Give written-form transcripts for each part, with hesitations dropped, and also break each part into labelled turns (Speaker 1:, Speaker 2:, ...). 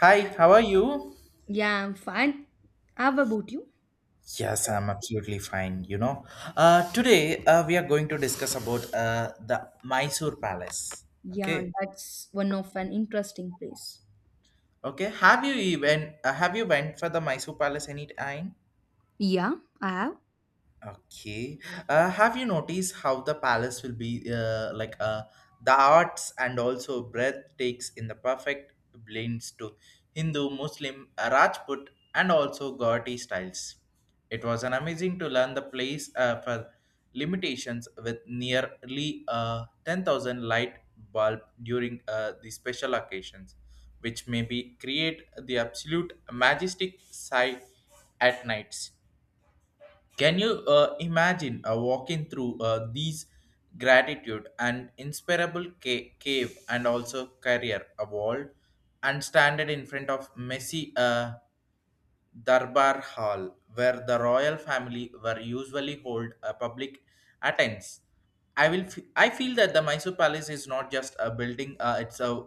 Speaker 1: Hi, how are you?
Speaker 2: Yeah, I'm fine. How about you?
Speaker 1: Yes, I'm absolutely fine. You know, today we are going to discuss about the Mysore Palace.
Speaker 2: Yeah,
Speaker 1: Okay,
Speaker 2: that's one of an interesting place.
Speaker 1: okay. Have you even have you went for the Mysore Palace any time?
Speaker 2: Yeah, I have.
Speaker 1: Okay. Have you noticed how the palace will be like the arts and also breath takes in the perfect blends to Hindu, Muslim, Rajput, and also Gauti styles. It was an amazing to learn the place for limitations with nearly 10,000 light bulb during the special occasions, which may be create the absolute majestic sight at nights. Can you imagine walking through these gratitude and inspirable cave and also career a wall and standing in front of messy Darbar Hall where the royal family were usually hold a public attends? I feel that the Mysore Palace is not just a building, it's a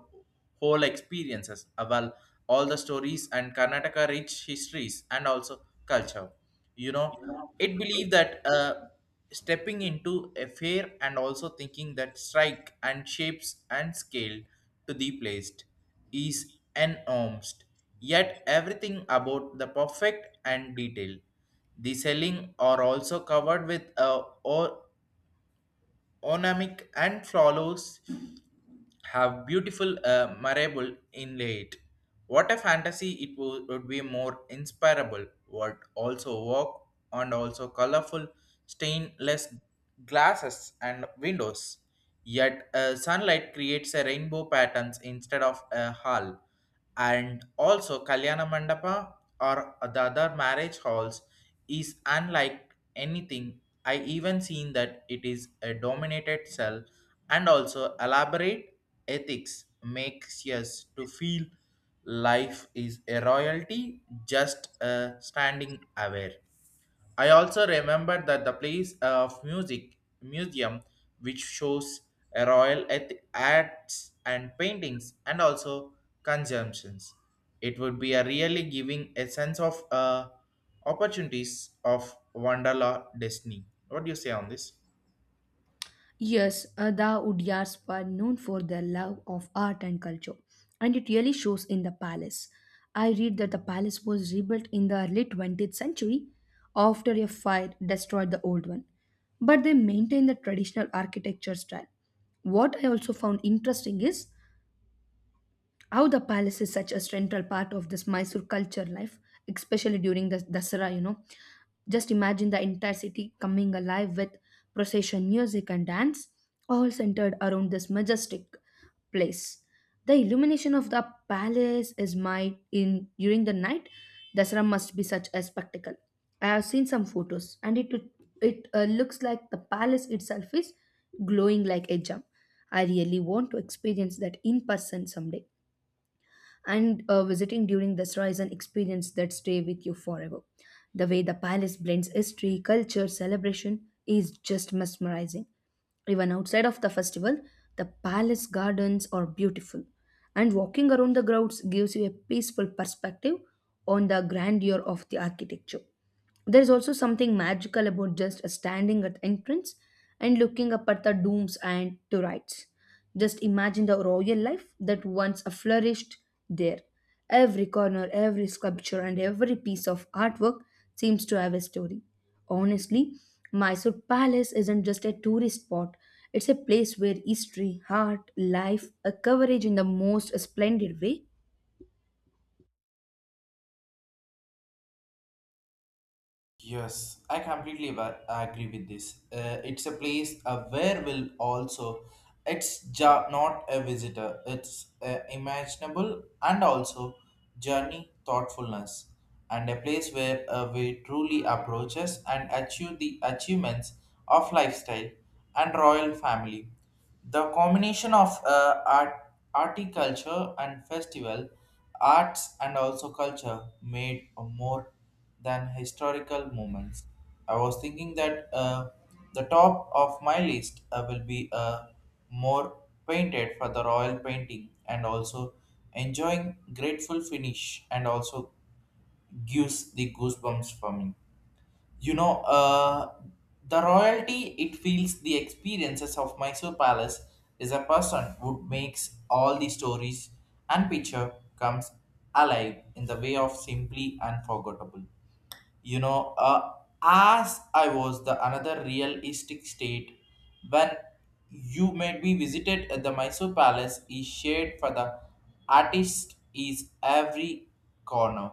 Speaker 1: whole experiences, well all the stories and Karnataka rich histories and also culture. you know it believed that stepping into a fair and also thinking that strike and shapes and scale to the placed is enormous, yet everything about the perfect and detail. The selling are also covered with or ornamic and flowers, have beautiful marble inlaid. What a fantasy would be more inspirable. What also walk and also colorful stainless glasses and windows. Yet sunlight creates a rainbow patterns instead of a hull. And also Kalyana Mandapa or the other marriage halls is unlike anything I even seen, that it is a dominated cell and also elaborate ethics makes us to feel life is a royalty just standing aware. I also remember that the place of music museum, which shows a royal acts and paintings and also consumptions. It would be a really giving a sense of opportunities of Wanderla destiny. What do you say on this?
Speaker 2: Yes, the Udyars were known for their love of art and culture, and it really shows in the palace. I read that the palace was rebuilt in the early 20th century after a fire destroyed the old one, but they maintain the traditional architecture style. What I also found interesting is how the palace is such a central part of this Mysore culture life, especially during the Dasara. Just imagine the entire city coming alive with procession music and dance, all centered around this majestic place. The illumination of the palace is my in during the night. Dasara must be such a spectacle. I have seen some photos, and it looks like the palace itself is glowing like a gem. I really want to experience that in person someday and visiting during the Dasra is an experience that stay with you forever. The way the palace blends history, culture, celebration is just mesmerizing. Even outside of the festival, the palace gardens are beautiful, and walking around the grounds gives you a peaceful perspective on the grandeur of the architecture. There is also something magical about just standing at entrance and looking up at the dooms and to rights. Just imagine the royal life that once flourished there. Every corner, every sculpture, and every piece of artwork seems to have a story. Honestly, Mysore Palace isn't just a tourist spot, it's a place where history, art, life are covered in the most splendid way.
Speaker 1: Yes, I completely agree with this. It's a place where will also not a visitor. It's imaginable and also journey thoughtfulness and a place where we truly approaches and achieve the achievements of lifestyle and royal family. The combination of art, horticulture and festival, arts and also culture made more than historical moments. I was thinking that the top of my list will be more painted for the royal painting and also enjoying grateful finish and also gives the goosebumps for me. You know, the royalty it feels the experiences of Mysore Palace is a person who makes all the stories and picture comes alive in the way of simply unforgettable. you know uh, as I was the another realistic state when you may be visited at the Mysore Palace is shared for the artist is every corner.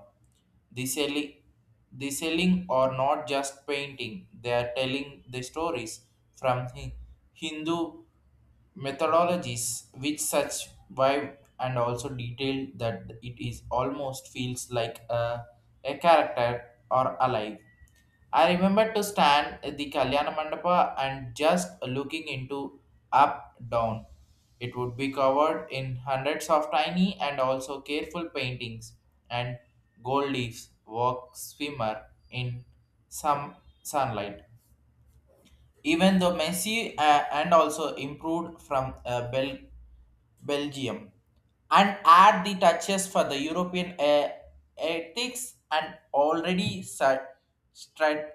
Speaker 1: The selling, the selling or not just painting, they are telling the stories from Hindu methodologies, which such vibe and also detail that it is almost feels like a character or alive. I remember to stand at the Kalyana Mandapa and just looking into up down. It would be covered in hundreds of tiny and also careful paintings and gold leaves walk swimmer in some sunlight. Even though Messi and also improved from Belgium and add the touches for the European ethics and already start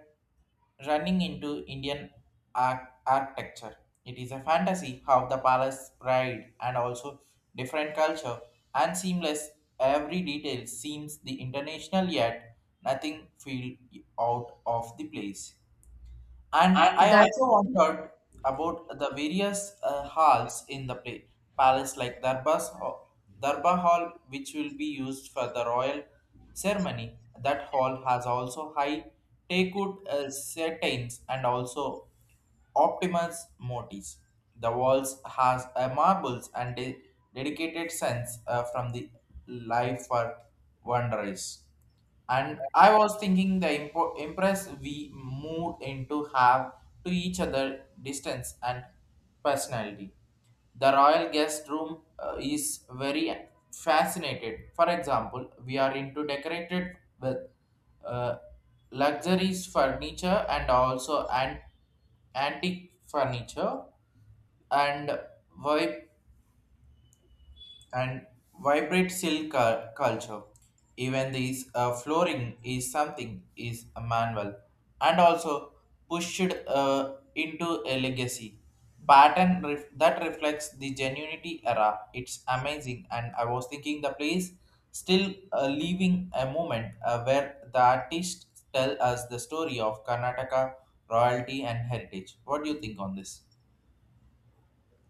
Speaker 1: running into Indian architecture. It is a fantasy how the palace pride and also different culture and seamless, every detail seems the international yet nothing feel out of the place. And
Speaker 2: And
Speaker 1: I
Speaker 2: that.
Speaker 1: also wondered about the various halls in the palace, like Darbar Hall, which will be used for the royal ceremony. That hall has also high teakwood curtains and also optimus motifs. The walls has a marbles and dedicated sense from the life for wanderers. And I was thinking the impress we moved into have to each other distance and personality. The royal guest room is very fascinated. For example, we are into decorated with uh, luxuries furniture and also an antique furniture and vibe and vibrant culture. Even this flooring is something is a manual and also pushed into a legacy pattern that reflects the genuinity era. It's amazing, and I was thinking the place still leaving a moment where the artists tell us the story of Karnataka royalty and heritage. What do you think on this?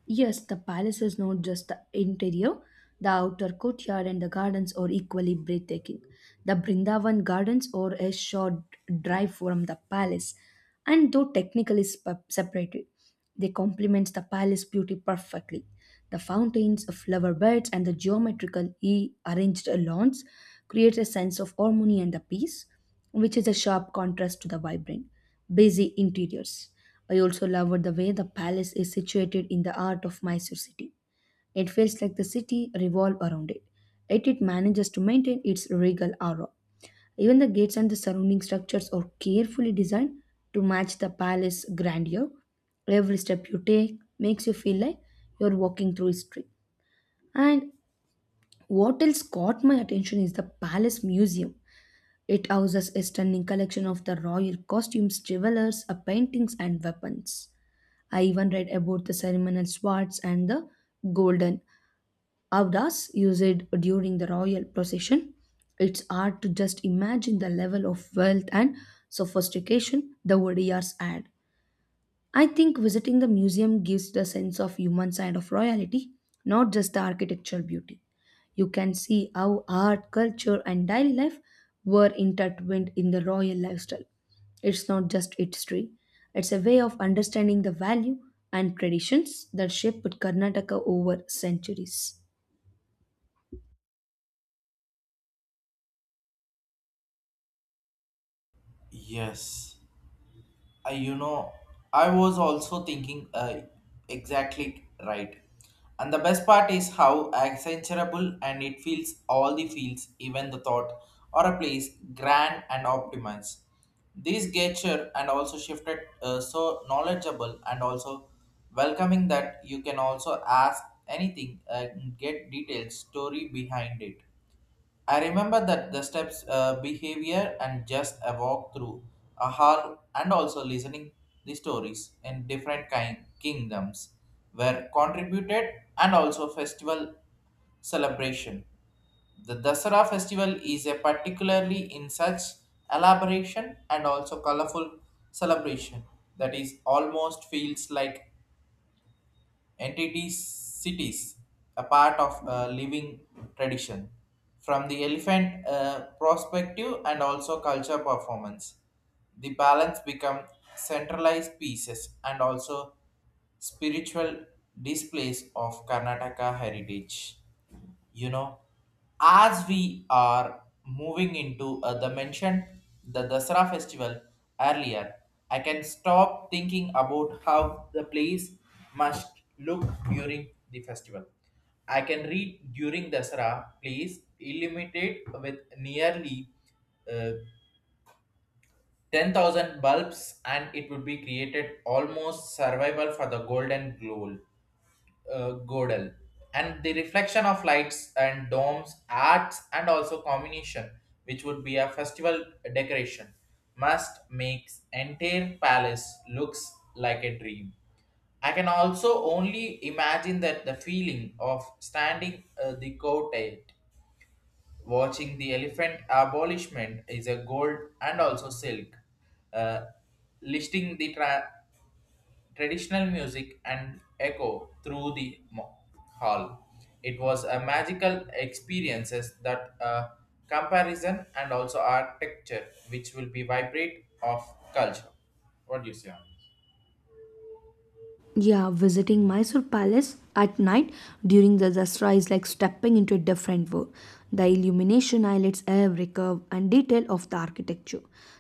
Speaker 2: Yes, the palace is not just the interior. The outer courtyard and the gardens are equally breathtaking. The Brindavan gardens are a short drive from the palace, and though technically separated, they complement the palace beauty perfectly. The fountains, flower beds, and the geometrical e arranged lawns create a sense of harmony and the peace which is a sharp contrast to the vibrant, busy interiors. I also loved the way the palace is situated in the heart of Mysore city. It feels like the city revolves around it, yet it manages to maintain its regal aura. Even the gates and the surrounding structures are carefully designed to match the palace grandeur. Every step you take makes you feel like you're walking through history. And what else caught my attention is the palace museum. It houses a stunning collection of the royal costumes, jewelers, paintings, and weapons. I even read about the ceremonial swords and the golden avdas used during the royal procession. It's hard to just imagine the level of wealth and sophistication the Odiyars had. I think visiting the museum gives the sense of human side of royalty, not just the architectural beauty. You can see how art, culture, and daily life were intertwined in the royal lifestyle. It's not just history, it's a way of understanding the value and traditions that shaped Karnataka over centuries.
Speaker 1: Yes. I you know I was also thinking, exactly right, and the best part is how accenturable and it feels all the fields, even the thought or a place grand and optimized this gesture and also shifted, so knowledgeable and also welcoming that you can also ask anything and get detailed story behind it. I remember that the steps, behavior, and just a walk through a hall, and also listening the stories in different kind kingdoms were contributed, and also festival celebration. The Dasara festival is a particularly in such elaboration and also colorful celebration that is almost feels like entity cities, a part of living tradition. From the elephant perspective and also culture performance, the balance become centralized pieces and also spiritual displays of Karnataka heritage. you know as we are moving into the mentioned the Dasara festival earlier, I can stop thinking about how the place must look during the festival. I can read, during Dasara place illuminated with nearly uh, 10,000 bulbs, and it would be created almost survival for the golden glow, Gödel, and the reflection of lights and domes, arts, and also combination, which would be a festival decoration, must makes entire palace looks like a dream. I can also only imagine that the feeling of standing the courtyard, watching the elephant abolishment is a gold and also silk, uh, listing the traditional music and echo through the hall. It was a magical experiences that comparison and also architecture which will be vibrate of culture. What do you say on this?
Speaker 2: Yeah, visiting Mysore Palace at night during the Dasra is like stepping into a different world. The illumination highlights every curve and detail of the architecture.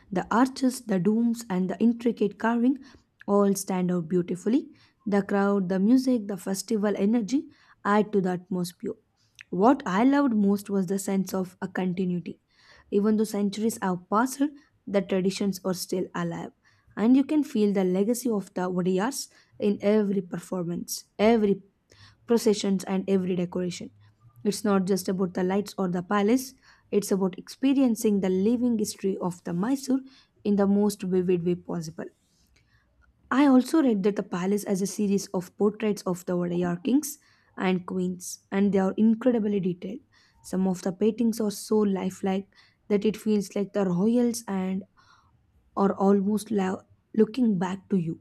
Speaker 2: The arches, the domes, and the intricate carving all stand out beautifully. The crowd, the music, the festival energy add to the atmosphere. What I loved most was the sense of a continuity. Even though centuries have passed, the traditions are still alive and you can feel the legacy of the Odiyars in every performance, every processions, and every decoration. It's not just about the lights or the palace, it's about experiencing the living history of the Mysore in the most vivid way possible. I also read that the palace has a series of portraits of the Odayar kings and queens, and they are incredibly detailed. Some of the paintings are so lifelike that it feels like the royals and or almost looking back to you.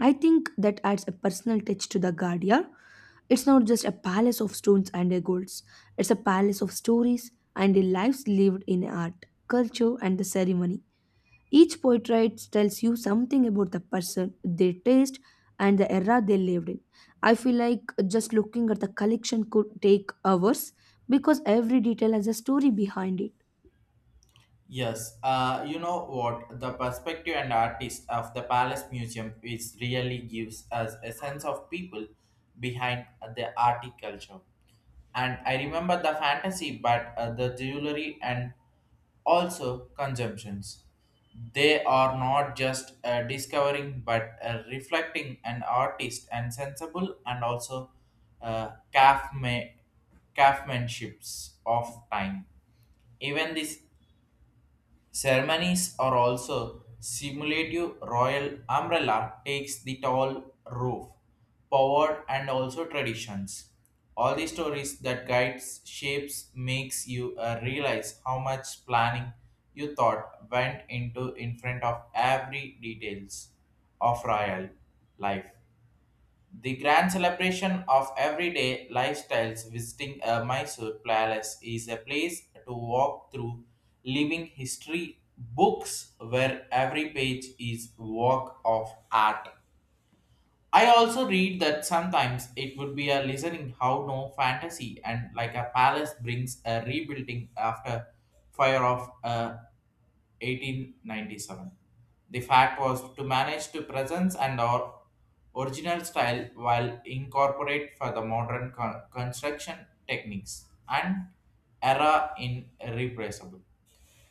Speaker 2: I think that adds a personal touch to the guard, yeah? It's not just a palace of stones and golds, it's a palace of stories and the lives lived in art, culture, and the ceremony. Each portrait tells you something about the person, their taste, and the era they lived in. I feel like just looking at the collection could take hours because every detail has a story behind it.
Speaker 1: Yes, you know what? The perspective and artist of the Palace Museum is really gives us a sense of people behind the art culture. And I remember the fantasy, but the jewelry and also consumptions. They are not just discovering, but reflecting an artist and sensible and also uh, calf ma- craftsmanships of time, even this. Ceremonies are also simulative royal umbrella takes the tall roof, power and also traditions. All the stories that guides shapes makes you realize how much planning you thought went into in front of every details of royal life. The grand celebration of everyday lifestyles visiting a Mysore palace is a place to walk through living history books where every page is work of art. I also read that sometimes it would be a listening how no fantasy and like a palace brings a rebuilding after fire of a 1897. The fact was to manage to presence and our original style while incorporate for the modern construction techniques and era in irrepressible.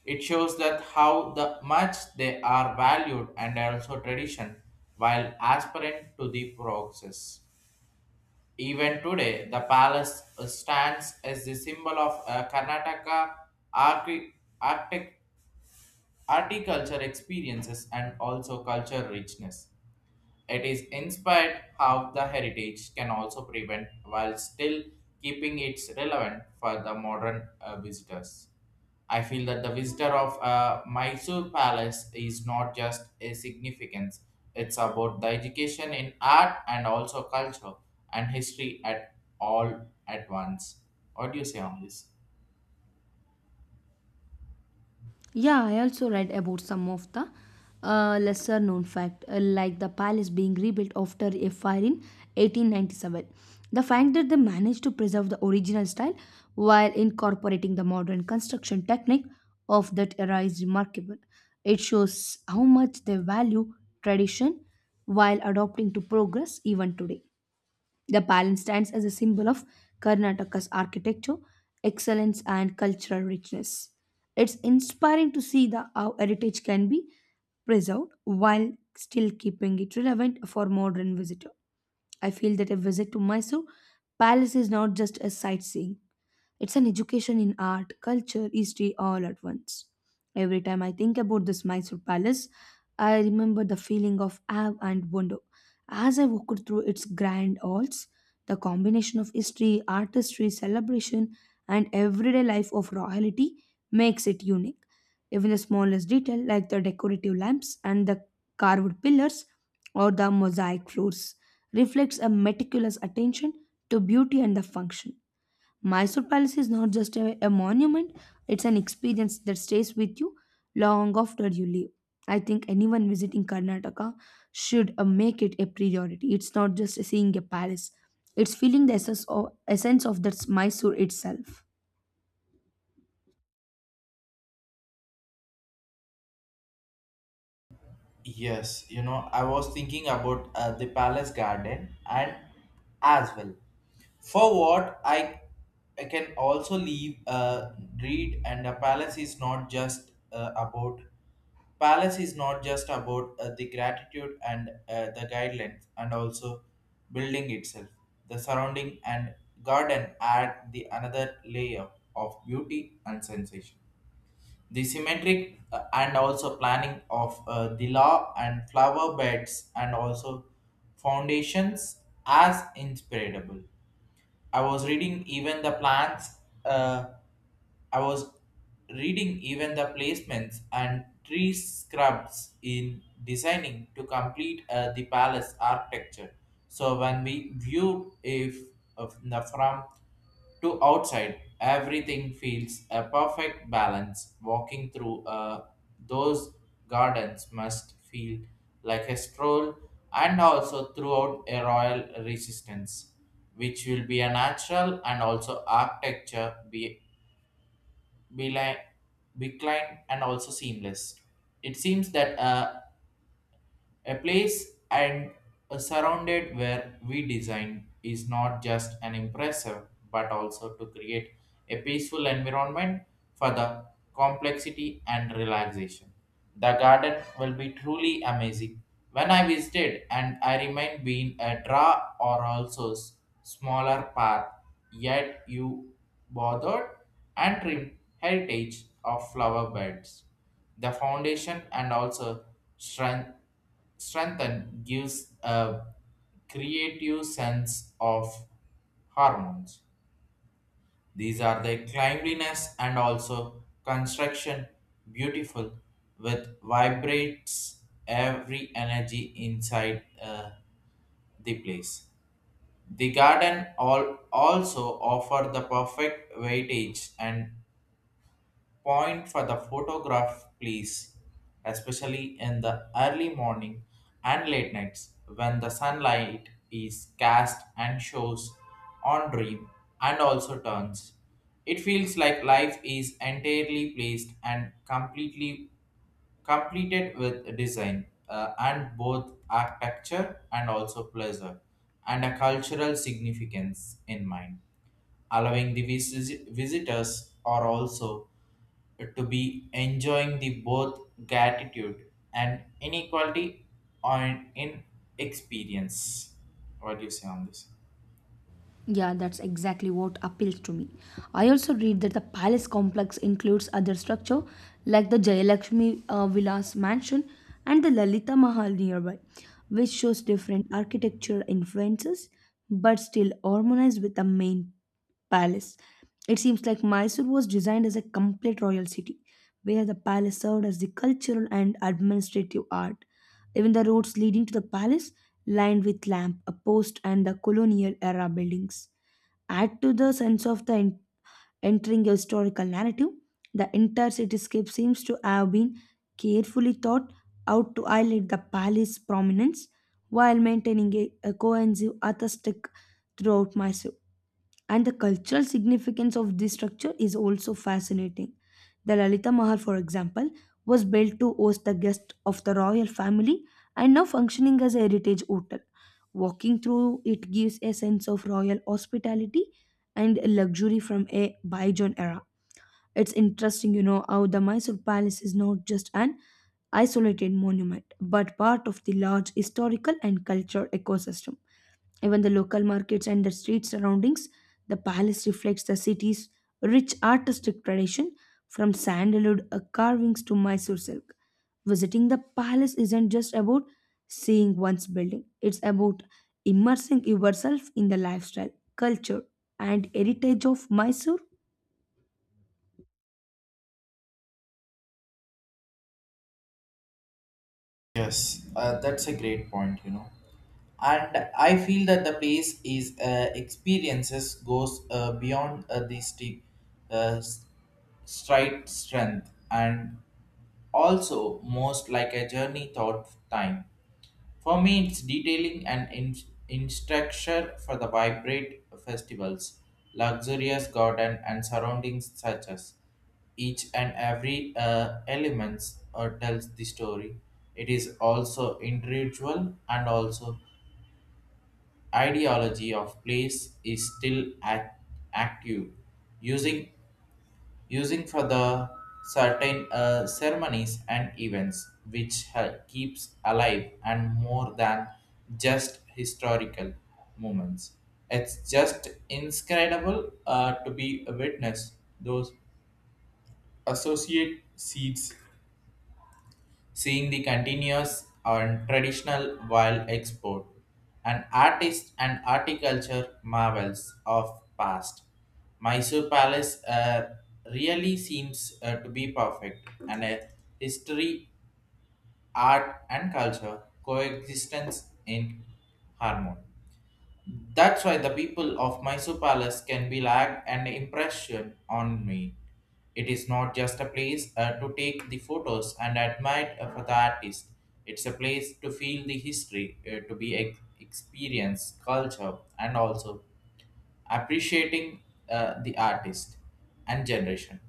Speaker 1: It shows that how the much they are valued and also tradition while aspirant to the progress. Even today, the palace stands as the symbol of Karnataka archi- architecture articulture experiences and also culture richness. It is inspired how the heritage can also prevent while still keeping it relevant for the modern visitors. I feel that the visitor of Mysore Palace is not just a significance, it's about the education in art and also culture and history at all at once. What do you say on this?
Speaker 2: Yeah, I also read about some of the lesser known fact, like the palace being rebuilt after a fire in 1897. The fact that they managed to preserve the original style while incorporating the modern construction technique of that era is remarkable. It shows how much they value tradition while adopting to progress even today. The palace stands as a symbol of Karnataka's architecture, excellence, and cultural richness. It's inspiring to see how heritage can be preserved while still keeping it relevant for modern visitor. I feel that a visit to Mysore Palace is not just a sightseeing. It's an education in art, culture, history all at once. Every time I think about this Mysore Palace, I remember the feeling of awe and wonder. As I walked through its grand halls, the combination of history, artistry, celebration, and everyday life of royalty makes it unique. Even the smallest detail, like the decorative lamps and the carved pillars or the mosaic floors, reflects a meticulous attention to beauty and the function. Mysore Palace is not just a monument, it's an experience that stays with you long after you leave. I think anyone visiting Karnataka should make it a priority. It's not just seeing a palace, it's feeling the essence of that Mysore itself.
Speaker 1: Yes, you know, I was thinking about the palace garden and as well. For what I, I can also leave read and a palace is not just about palace is not just about the gratitude and the guidelines and also building itself, the surrounding and garden add the another layer of beauty and sensation. The symmetric and also planning of the law and flower beds and also foundations as inspirable. I was reading even the plants. Uh, I was reading even the placements and tree scrubs in designing to complete the palace architecture. So when we viewed if of the from to outside, everything feels a perfect balance. Walking through those gardens must feel like a stroll and also throughout a royal resistance, which will be a natural and also architecture Beeline, Beeline, and also Seamless. It seems that a place and a surrounded where we design is not just an impressive but also to create a peaceful environment for the complexity and relaxation. The garden will be truly amazing. When I visited and I remained being a draw or also smaller path, yet you bothered and trimmed heritage of flower beds. The foundation and also strength Strengthen gives a creative sense of hormones. These are the cleanliness and also construction beautiful with vibrates every energy inside the place. The garden all also offer the perfect weightage and point for the photograph, please, especially in the early morning and late nights when the sunlight is cast and shows on dream and also turns. It feels like life is entirely placed and completely completed with design and both architecture and also pleasure and a cultural significance in mind allowing the visitors are also to be enjoying the both gratitude and inequality on in experience. What do you say on this?
Speaker 2: Yeah, that's exactly what appeals to me. I also read that the palace complex includes other structure like the Jayalakshmi Vilas mansion and the Lalita Mahal nearby, which shows different architecture influences but still harmonized with the main palace. It seems like Mysore was designed as a complete royal city, where the palace served as the cultural and administrative art. Even the roads leading to the palace, lined with lamp, a post, and the colonial era buildings, add to the sense of the entering a historical narrative. The entire cityscape seems to have been carefully thought out to highlight the palace's prominence while maintaining a cohesive aesthetic throughout Mysore. And the cultural significance of this structure is also fascinating. The Lalita Mahal, for example, was built to host the guests of the royal family and now functioning as a heritage hotel. Walking through it gives a sense of royal hospitality and luxury from a bygone era. It's interesting, you know, how the Mysore Palace is not just an isolated monument, but part of the large historical and cultural ecosystem. Even the local markets and the street surroundings, the palace reflects the city's rich artistic tradition from sandalwood carvings to Mysore silk. Visiting the palace isn't just about seeing one's building, it's about immersing yourself in the lifestyle, culture, and heritage of Mysore.
Speaker 1: Yes, that's a great point. And I feel that the place is experiences goes beyond the uh, s- stride strength and also most like a journey thought time. For me, it's detailing and in structure for the vibrant festivals, luxurious garden and surroundings such as each and every elements or tells the story. It is also individual and also ideology of place is still active, using using for the certain ceremonies and events which keeps alive and more than just historical moments. It's just inscribable to be a witness those associate seeds, seeing the continuous and traditional wild export, an artist and articulture marvels of past. Mysore Palace really seems to be perfect, and a history, art, and culture coexistence in harmony. That's why the people of Mysore Palace can be lag an impression on me. It is not just a place to take the photos and admire for the artist. It's a place to feel the history, to be experience culture, and also appreciating the artist and generation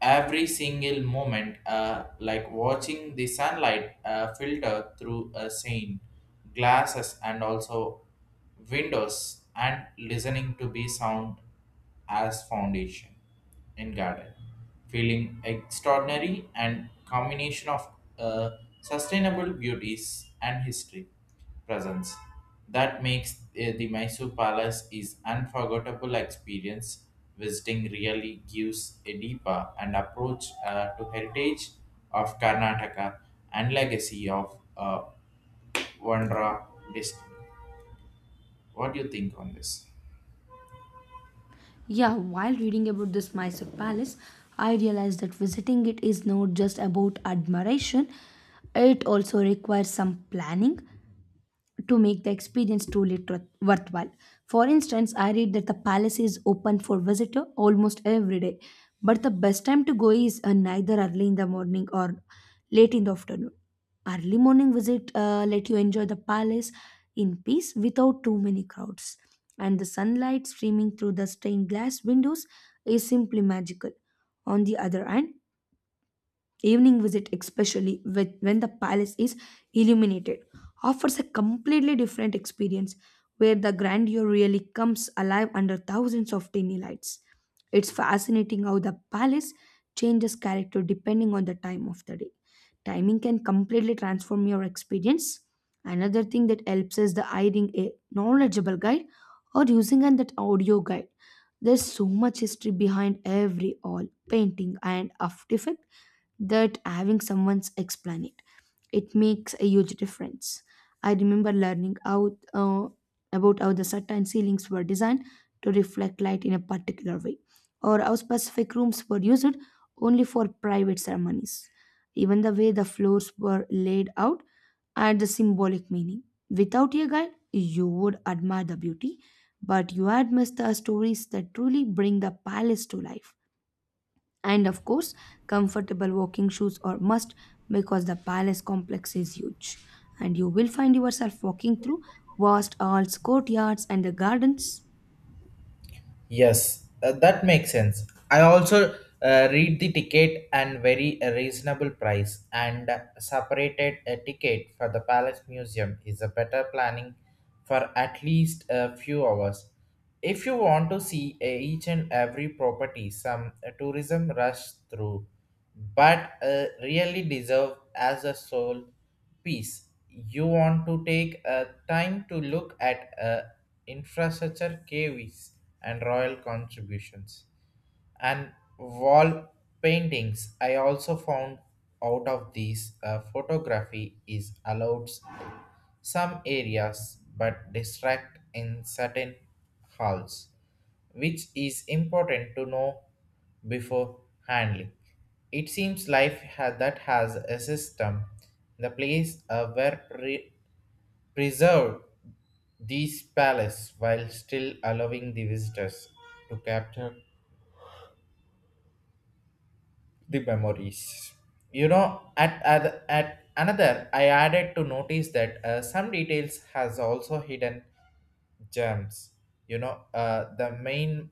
Speaker 1: every single moment, like watching the sunlight filter through a pane, glasses, and also windows, and listening to be sound as foundation in garden, feeling extraordinary and combination of uh, sustainable beauties and history presence. That makes the Mysore Palace is unforgettable experience. Visiting really gives a deeper and approach to heritage of Karnataka and legacy of Vandra district. What do you think on this?
Speaker 2: Yeah, while reading about this Mysore palace, I realized that visiting it is not just about admiration, it also requires some planning to make the experience truly worthwhile. For instance, I read that the palace is open for visitor almost every day, but the best time to go is neither early in the morning or late in the afternoon. Early morning visit let you enjoy the palace in peace without too many crowds. And the sunlight streaming through the stained glass windows is simply magical. On the other hand, evening visit especially when the palace is illuminated offers a completely different experience where the grandeur really comes alive under thousands of tiny lights. It's fascinating how the palace changes character depending on the time of the day. Timing can completely transform your experience. Another thing that helps is the hiring a knowledgeable guide or using an that audio guide. There's so much history behind every all painting and artifact that having someone explain it it makes a huge difference. I remember learning how about how the certain ceilings were designed to reflect light in a particular way or how specific rooms were used only for private ceremonies. Even the way the floors were laid out had the symbolic meaning. Without a guide you would admire the beauty but you had missed the stories that truly bring the palace to life. And of course, comfortable walking shoes are must because the palace complex is huge. And you will find yourself walking through vast halls, courtyards, and the gardens.
Speaker 1: Yes, that makes sense. I also read the ticket and very a reasonable price and separated a ticket for the Palace Museum is a better planning for at least a few hours. If you want to see each and every property, some tourism rush through, but really deserve as a soul piece, you want to take a time to look at infrastructure caves and royal contributions and wall paintings. I also found out of these photography is allowed some areas but distract in certain halls, which is important to know before handling. It seems life that has a system, the place where preserved these palace while still allowing the visitors to capture the memories. You know, at another, I added to notice that some details has also hidden germs, you know, the main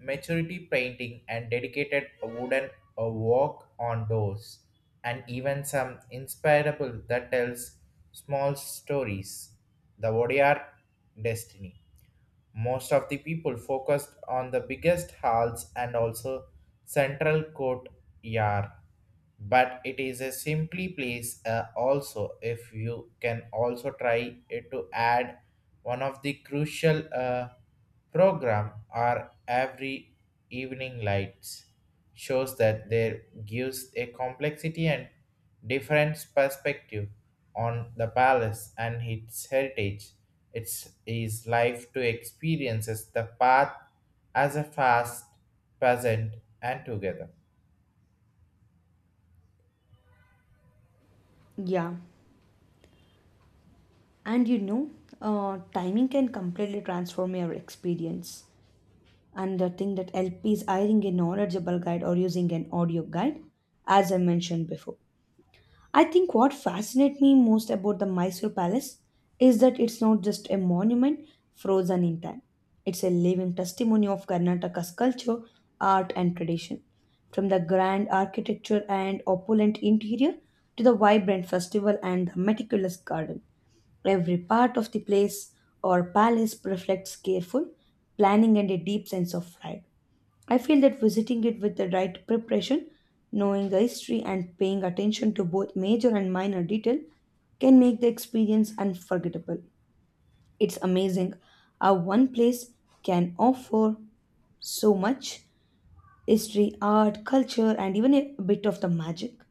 Speaker 1: maturity painting and dedicated wooden walk on doors and even some inspirable that tells small stories the odr destiny. Most of the people focused on the biggest halls and also central courtyard, but it is a simply place also if you can also try it to add one of the crucial program are every evening lights shows that there gives a complexity and different perspective on the palace and its heritage. Its is life to experiences the path as a fast present and together.
Speaker 2: Yeah, and you know, timing can completely transform your experience. And the thing that LP is hiring a knowledgeable guide or using an audio guide, as I mentioned before. I think what fascinates me most about the Mysore Palace is that it's not just a monument frozen in time. It's a living testimony of Karnataka's culture, art, and tradition. From the grand architecture and opulent interior to the vibrant festival and the meticulous garden, every part of the place or palace reflects careful planning and a deep sense of pride. I feel that visiting it with the right preparation, knowing the history, and paying attention to both major and minor detail can make the experience unforgettable. It's amazing how one place can offer so much history, art, culture, and even a bit of the magic.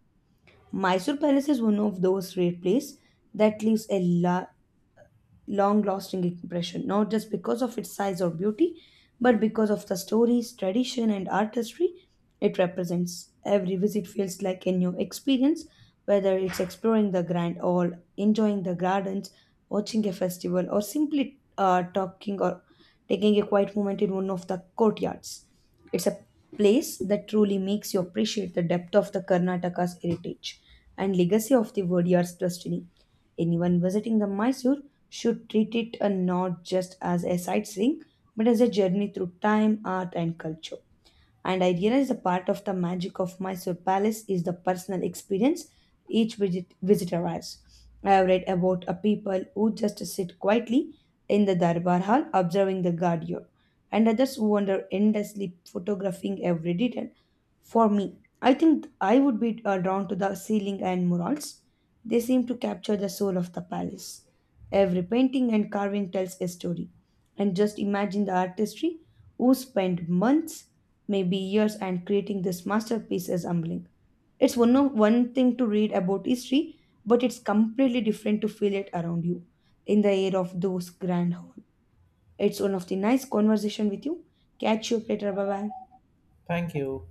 Speaker 2: Mysore Palace is one of those rare places that leaves a long lasting impression, not just because of its size or beauty, but because of the stories, tradition, and artistry it represents. Every visit feels like a new experience, whether it's exploring the Grand or enjoying the gardens, watching a festival, or simply talking or taking a quiet moment in one of the courtyards. It's a place that truly makes you appreciate the depth of the Karnataka's heritage and legacy of the Wodeyar's destiny. Anyone visiting the Mysore should treat it not just as a sightseeing, but as a journey through time, art, and culture. And I realized a part of the magic of Mysore Palace is the personal experience each visitor has. I have read about a people who just sit quietly in the Darbar Hall observing the Gaudiya, and others who wander endlessly photographing every detail. For me, I think I would be drawn to the ceiling and murals. They seem to capture the soul of the palace. Every painting and carving tells a story. And just imagine the artistry who spent months maybe years, and creating this masterpiece is humbling. It's one of one thing to read about history, but it's completely different to feel it around you in the air of those grand hall. It's one of the nice conversation with you. Catch you up later. Bye bye.
Speaker 1: Thank you.